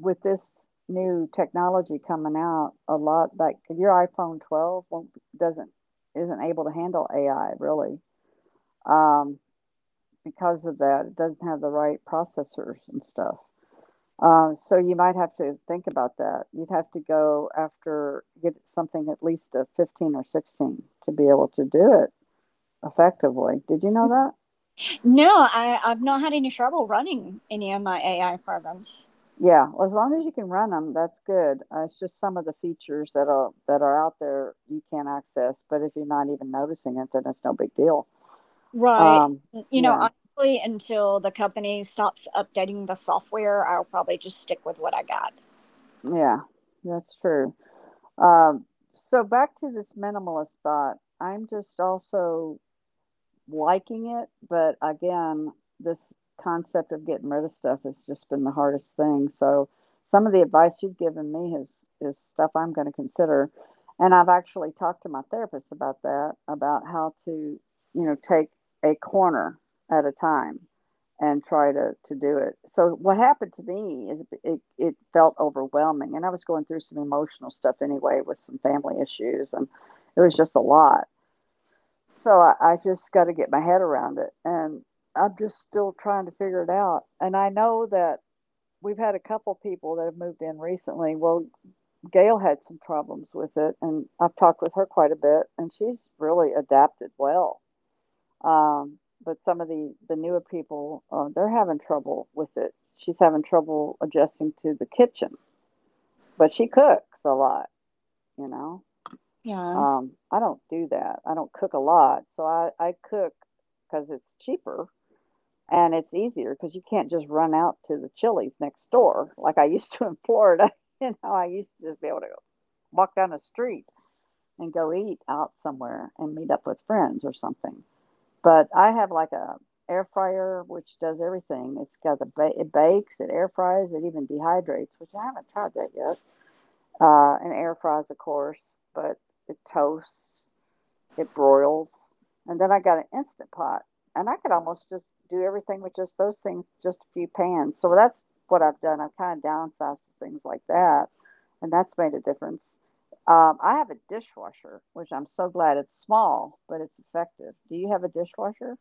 with this new technology coming out, a lot like your iPhone 12 won't, doesn't isn't able to handle AI really, um, because of that. It doesn't have the right processors and stuff. So you might have to think about that. You'd have to go after get something at least a 15 or 16 to be able to do it effectively. Did you know that?
No, I've not had any trouble running any of my AI programs.
Yeah, well, as long as you can run them, that's good. It's just some of the features that are out there you can't access, but if you're not even noticing it, then it's no big deal.
Right.
Um,
You know,
yeah,
honestly, until the company stops updating the software, I'll probably just stick with what I got.
yeah, that's true. Um, so back to this minimalist thought. I'm just also liking it, but again, this concept of getting rid of stuff has just been the hardest thing. So some of the advice you've given me is stuff I'm going to consider. And I've actually talked to my therapist about that, about how to take a corner at a time and try to do it. So what happened to me is it felt overwhelming and I was going through some emotional stuff anyway with some family issues and it was just a lot. So I just got to get my head around it. And I'm just still trying to figure it out. And I know that we've had a couple people that have moved in recently. Well, Gail had some problems with it, and I've talked with her quite a bit, and she's really adapted well. Um, but some of the newer people, they're having trouble with it. She's having trouble adjusting to the kitchen, but she cooks a lot, you know.
Yeah.
I don't do that. I don't cook a lot. So I cook because it's cheaper, and it's easier because you can't just run out to the Chili's next door like I used to in Florida. You know, I used to just be able to walk down the street and go eat out somewhere and meet up with friends or something. But I have like a air fryer which does everything. It's got it bakes, it air fries, it even dehydrates, which I haven't tried that yet. And air fries, of course, but it toasts it broils. And then I got an Instant Pot, and I could almost just do everything with just those things, just a few pans. So that's what I've done. I've kind of downsized to things like that, and that's made a difference. I have a dishwasher, which I'm so glad it's small, but it's effective. Do you have a dishwasher?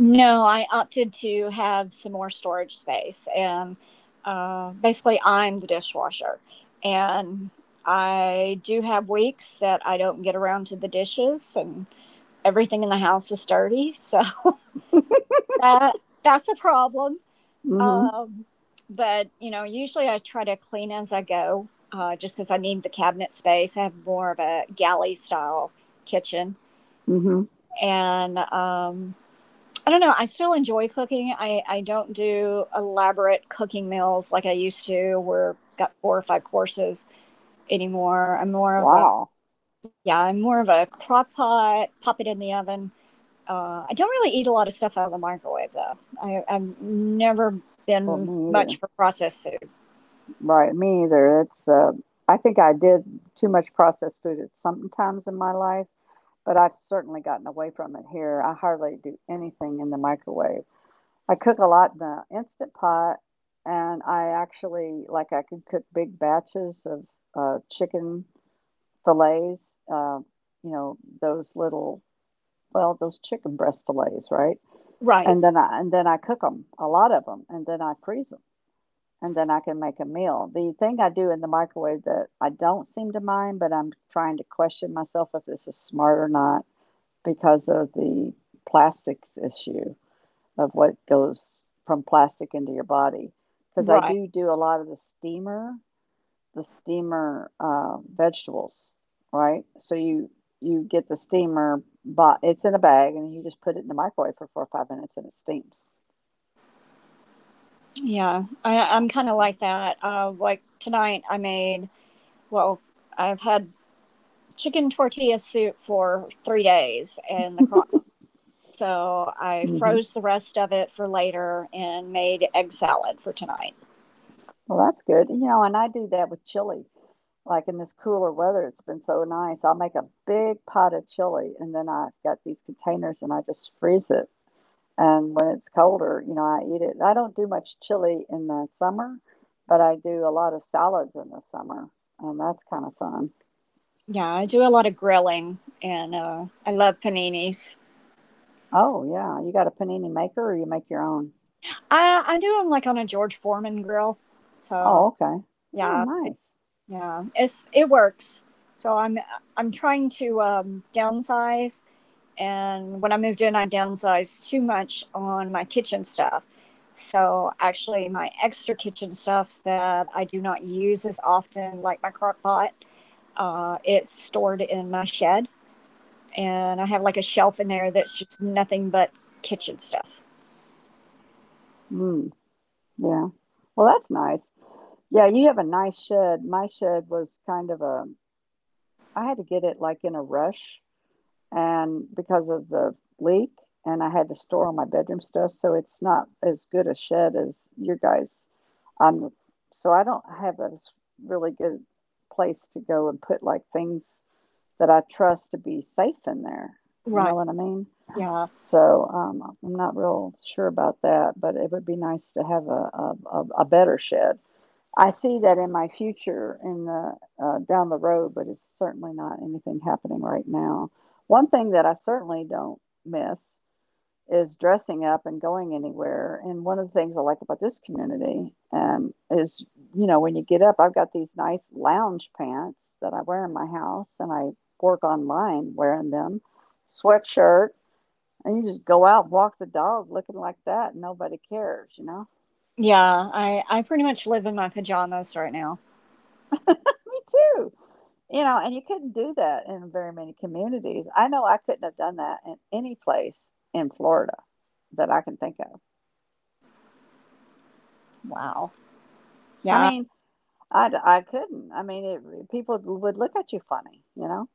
No, I opted to have some more storage space. And basically, I'm the dishwasher. And I do have weeks that I don't get around to the dishes and everything in the house is dirty. So that that's a problem.
Hmm.
Um, but you know, usually I try to clean as I go, just because I need the cabinet space. I have more of a galley style kitchen,
Hmm.
and I don't know. I still enjoy cooking. I don't do elaborate cooking meals like I used to, where I've got four or five courses anymore. I'm more of a,
Wow.
yeah, I'm more of a crock pot, pop it in the oven. I don't really eat a lot of stuff out of the microwave though. I've never
Well,
been
me either.
much for processed food.
Right, me either. It's I think I did too much processed food at some times in my life, but I've certainly gotten away from it here. I hardly do anything in the microwave. I cook a lot in the Instant Pot, and I actually like I can cook big batches of chicken fillets. You know those little, well, those chicken breast fillets, right?
Right,
And then I cook them a lot of them, and then I freeze them, and then I can make a meal. The thing I do in the microwave that I don't seem to mind, but I'm trying to question myself if this is smart or not because of the plastics issue of what goes from plastic into your body. Because I
right.
do do a lot of the steamer vegetables, right? So you get the steamer, but it's in a bag, and you just put it in the microwave for 4 or 5 minutes, and it steams.
Yeah, I'm kind of like that. Like tonight, I made, well, I've had chicken tortilla soup for 3 days in the crock pot. So I
Hmm.
froze the rest of it for later and made egg salad for tonight.
Well, that's good. You know, and I do that with chili. Like in this cooler weather, it's been so nice. I'll make a big pot of chili, and then I've got these containers, and I just freeze it. And when it's colder, you know, I eat it. I don't do much chili in the summer, but I do a lot of salads in the summer, and that's kind of fun.
Yeah, I do a lot of grilling and I love paninis.
Oh, yeah. You got a panini maker or you make your own?
I do them like on a George Foreman grill. So
Oh, okay. Oh,
yeah,
nice.
yeah, it works. So I'm trying to downsize. And when I moved in, I downsized too much on my kitchen stuff. So actually, my extra kitchen stuff that I do not use as often, like my crock pot, it's stored in my shed. And I have like a shelf in there that's just nothing but kitchen stuff.
Mm, yeah. Well, that's nice. Yeah, you have a nice shed. My shed was I had to get it like in a rush and because of the leak, and I had to store all my bedroom stuff, so it's not as good a shed as your guys'. Um, so I don't have a really good place to go and put like things that I trust to be safe in there. You know
Right.
what I mean?
Yeah.
So I'm not real sure about that, but it would be nice to have a better shed. I see that in my future in the down the road, but it's certainly not anything happening right now. One thing that I certainly don't miss is dressing up and going anywhere. And one of the things I like about this community is, you know, when you get up, I've got these nice lounge pants that I wear in my house, and I work online wearing them, sweatshirt, and you just go out, and walk the dog, looking like that, and nobody cares.
Yeah. I pretty much live in my pajamas right now.
Me too. You know, and you couldn't do that in very many communities. I know I couldn't have done that in any place in Florida that I can think of.
Wow.
I
Yeah.
mean, I couldn't. I mean, people would look at you funny, you know?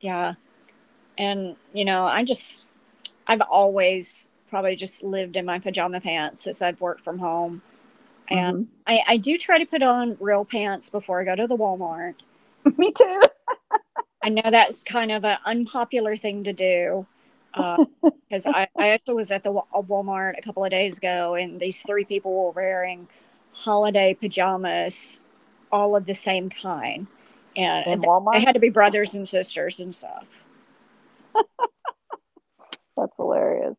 Yeah. And, you know, I've always probably just lived in my pajama pants since I've worked from home. And
Hmm.
I do try to put on real pants before I go to the Walmart.
Me too.
I know that's kind of an unpopular thing to do. Because I actually was at the Walmart a couple of days ago, and these three people were wearing holiday pajamas, all of the same kind. And
In
they
Walmart.
had to be brothers and sisters and stuff.
That's hilarious.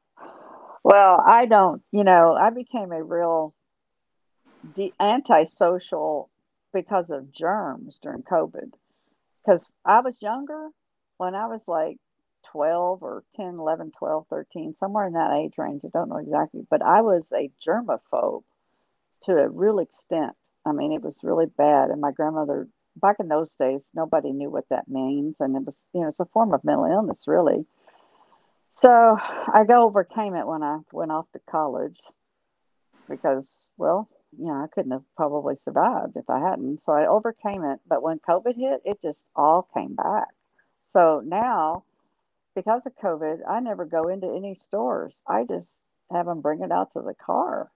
Well, I don't, you know, I became a real antisocial because of germs during COVID. Because I was younger when I was like 12 or 10, 11, 12, 13, somewhere in that age range. I don't know exactly, but I was a germaphobe to a real extent. I mean, it was really bad. And my grandmother, back in those days, nobody knew what that means. And it was, you know, it's a form of mental illness, really. So I go overcame it when I went off to college because, well, you know, I couldn't have probably survived if I hadn't. So I overcame it. But when COVID hit, it just all came back. So now, because of COVID, I never go into any stores. I just have them bring it out to the car.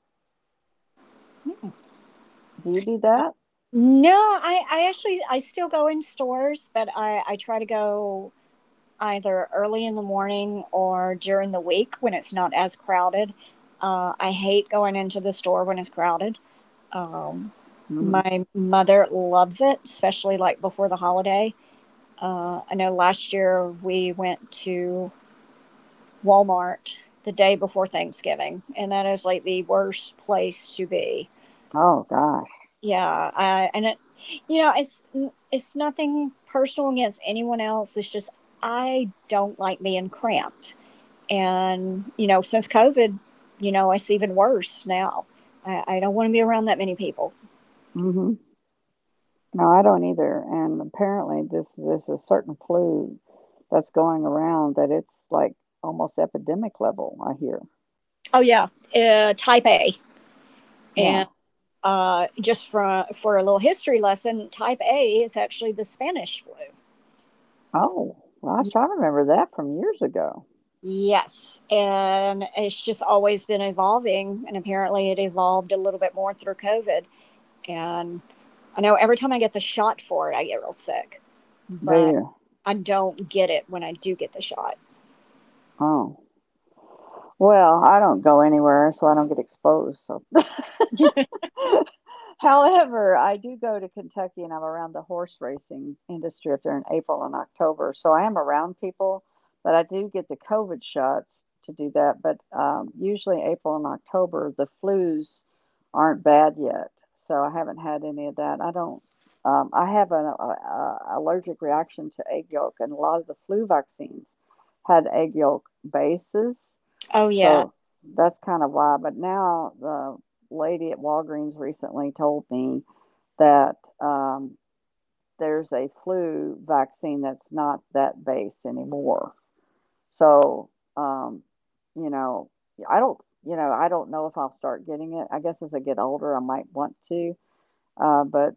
Do you do that?
No, I still go in stores, but I try to go either early in the morning or during the week when it's not as crowded. I hate going into the store when it's crowded. Um,
Hmm.
my mother loves it, especially like before the holiday. I know last year we went to Walmart the day before Thanksgiving, and that is like the worst place to be.
Oh gosh.
Yeah, you know, it's nothing personal against anyone else. It's just I don't like being cramped, and you know, since COVID, you know, it's even worse now. I don't want to be around that many people.
Hmm. No, I don't either. And apparently, this is certain flu that's going around that it's like almost epidemic level, I hear.
Oh yeah, type A,
Yeah.
and just for a little history lesson, type A is actually the Spanish flu.
Oh gosh,
Ye-
I remember that from years ago.
Yes, and it's just always been evolving, and apparently it evolved a little bit more through COVID. And I know every time I get the shot for it, I get real sick,
Do
but
you?
I don't get it when I do get the shot.
Oh. Well, I don't go anywhere, so I don't get exposed. So however, I do go to Kentucky and I'm around the horse racing industry up there in April and October. So I am around people, but I do get the COVID shots to do that. But usually, April and October, the flus aren't bad yet. So I haven't had any of that. I don't, I have a allergic reaction to egg yolk, and a lot of the flu vaccines had egg yolk bases.
Oh, yeah.
So that's kind of why. But now the lady at Walgreens recently told me that um, there's a flu vaccine that's not that base anymore. So, um, you know, I don't, I don't know if I'll start getting it. I guess as I get older, I might want to. But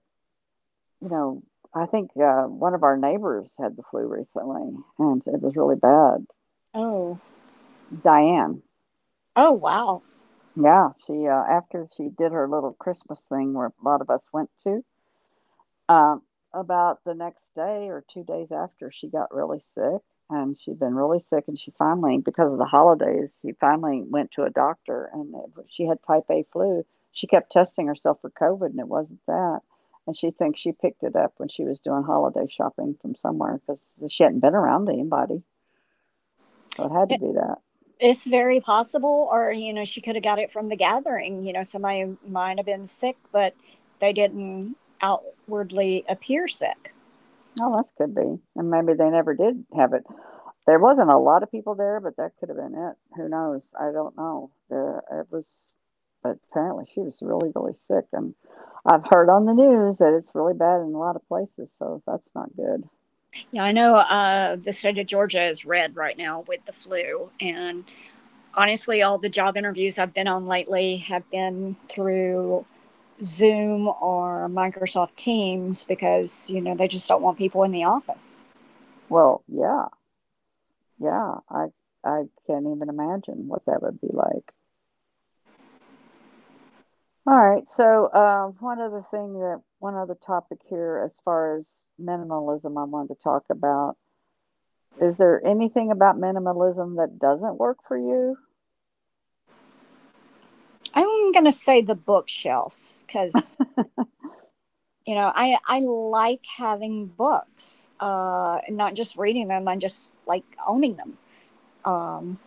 you know, I think one of our neighbors had the flu recently, and it was really bad.
Oh,
Diane,
oh, wow.
yeah, she after she did her little Christmas thing where a lot of us went to. Um, about the next day or 2 days after, she got really sick, and she'd been really sick, and she finally because of the holidays, she finally went to a doctor, and it she had type A flu. She kept testing herself for COVID, and it wasn't that, and she thinks she picked it up when she was doing holiday shopping from somewhere because she hadn't been around anybody, so it had to
It,
be that.
it's very possible, or, you know, she could have got it from the gathering. You know, somebody might have been sick, but they didn't outwardly appear sick.
Oh, that could be, and maybe they never did have it. There wasn't a lot of people there, but that could have been it. Who knows? I don't know. There it was, but apparently she was really, really sick, and I've heard on the news that it's really bad in a lot of places, so that's not good.
Yeah, I know the state of Georgia is red right now with the flu. And honestly, all the job interviews I've been on lately have been through Zoom or Microsoft Teams because, you know, they just don't want people in the office.
Well, yeah. Yeah, I can't even imagine what that would be like. Alright, so, one other thing that one other topic here as far as minimalism I wanted to talk about. Is there anything about minimalism that doesn't work for you?
I'm going to say the bookshelves because, you know, I like having books, not just reading them, I just like owning them. Um,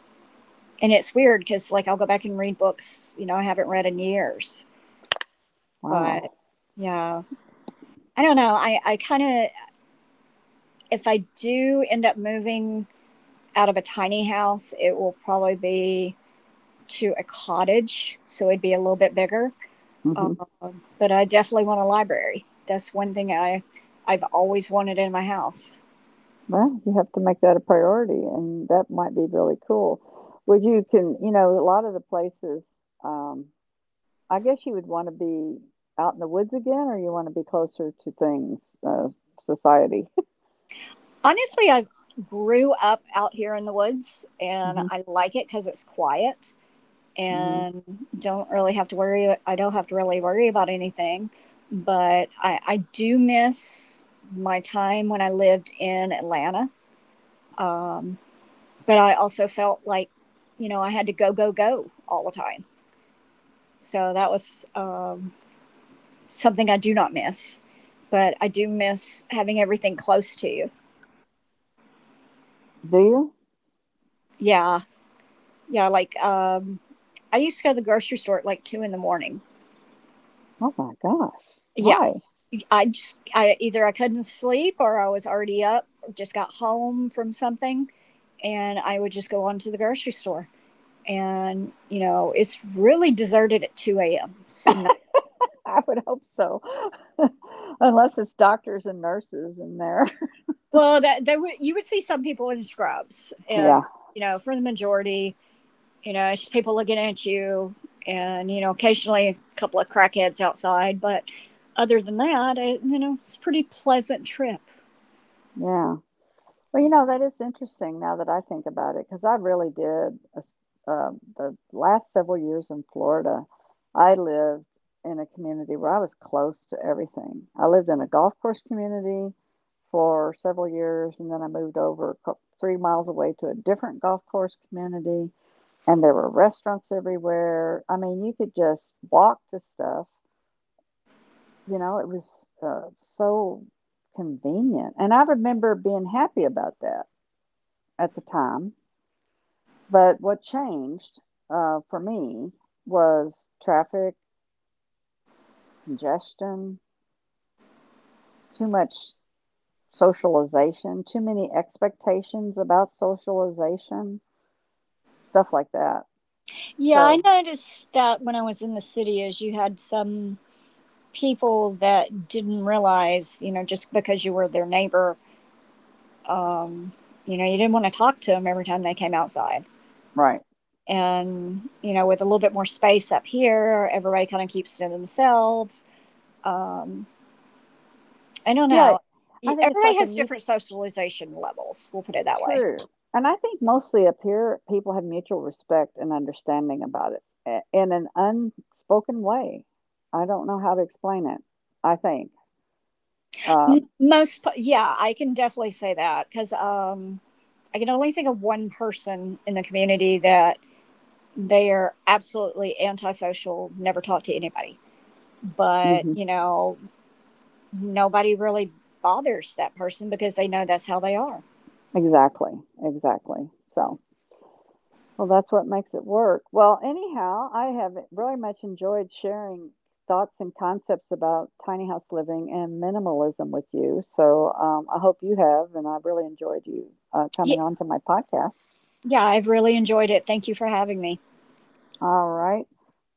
and it's weird because, like, I'll go back and read books, you know, I haven't read in years. But
Wow.
yeah, I don't know. If I do end up moving out of a tiny house, it will probably be to a cottage, so it'd be a little bit bigger. Uh,
Hmm.
but I definitely want a library. That's one thing I've always wanted in my house.
Well, you have to make that a priority, and that might be really cool. Would you Can you know a lot of the places? Um, I guess you would want to be out in the woods again, or you want to be closer to things, uh, society.
Honestly, I grew up out here in the woods, and
Hmm.
I like it because it's quiet
Hmm.
and don't really have to worry. I don't have to really worry about anything. But I do miss my time when I lived in Atlanta. But I also felt like, you know, I had to go go go all the time. So that was something I do not miss, but I do miss having everything close to you.
Do you?
Yeah, yeah. Like I used to go to the grocery store at like two in the morning.
Oh my gosh!
Yeah,
Why?
I just I either I couldn't sleep or I was already up, or just got home from something, and I would just go on to the grocery store. And you know, it's really deserted at two a.m. It's not,
I would hope so, unless it's doctors and nurses in there.
well that they would, you would see some people in scrubs,
Yeah,
you know, for the majority. You know, it's just people looking at you, and you know, occasionally a couple of crackheads outside, but other than that, you know, it's a pretty pleasant trip.
yeah. Well, you know, that is interesting now that I think about it, because I really did. The last several years in Florida, I lived in a community where I was close to everything. I lived in a golf course community for several years, and then I moved over 3 miles away to a different golf course community, and there were restaurants everywhere. I mean, you could just walk to stuff. You know, it was so convenient. And I remember being happy about that at the time. But what changed for me was traffic, congestion, too much socialization, too many expectations about socialization, stuff like that.
Yeah, I
So,
noticed that when I was in the city, is you had some people that didn't realize, you know, just because you were their neighbor, um, you know, you didn't want to talk to them every time they came outside.
right.
And you know, with a little bit more space up here, everybody kind of keeps to themselves. Um, I don't
Yeah,
know.
I think it's
Everybody
like a
has
mute
different socialization levels. We'll put it that way.
true. And I think mostly up here, people have mutual respect and understanding about it in an unspoken way. I don't know how to explain it, I think. Um,
Yeah, I can definitely say that because I can only think of one person in the community that they are absolutely antisocial, never talk to anybody. But
mhm.
you know, nobody really bothers that person because they know that's how they are.
Exactly, exactly. So, well, that's what makes it work. Well, anyhow, I have really much enjoyed sharing thoughts and concepts about tiny house living and minimalism with you. So, I hope you have, and I've really enjoyed you
Yeah,
coming on to my podcast.
yeah, I've really enjoyed it. Thank you for having me.
All right.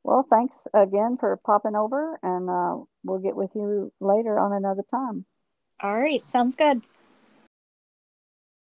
Well, thanks again for popping over, and we'll get with you later on another time.
All right, sounds good.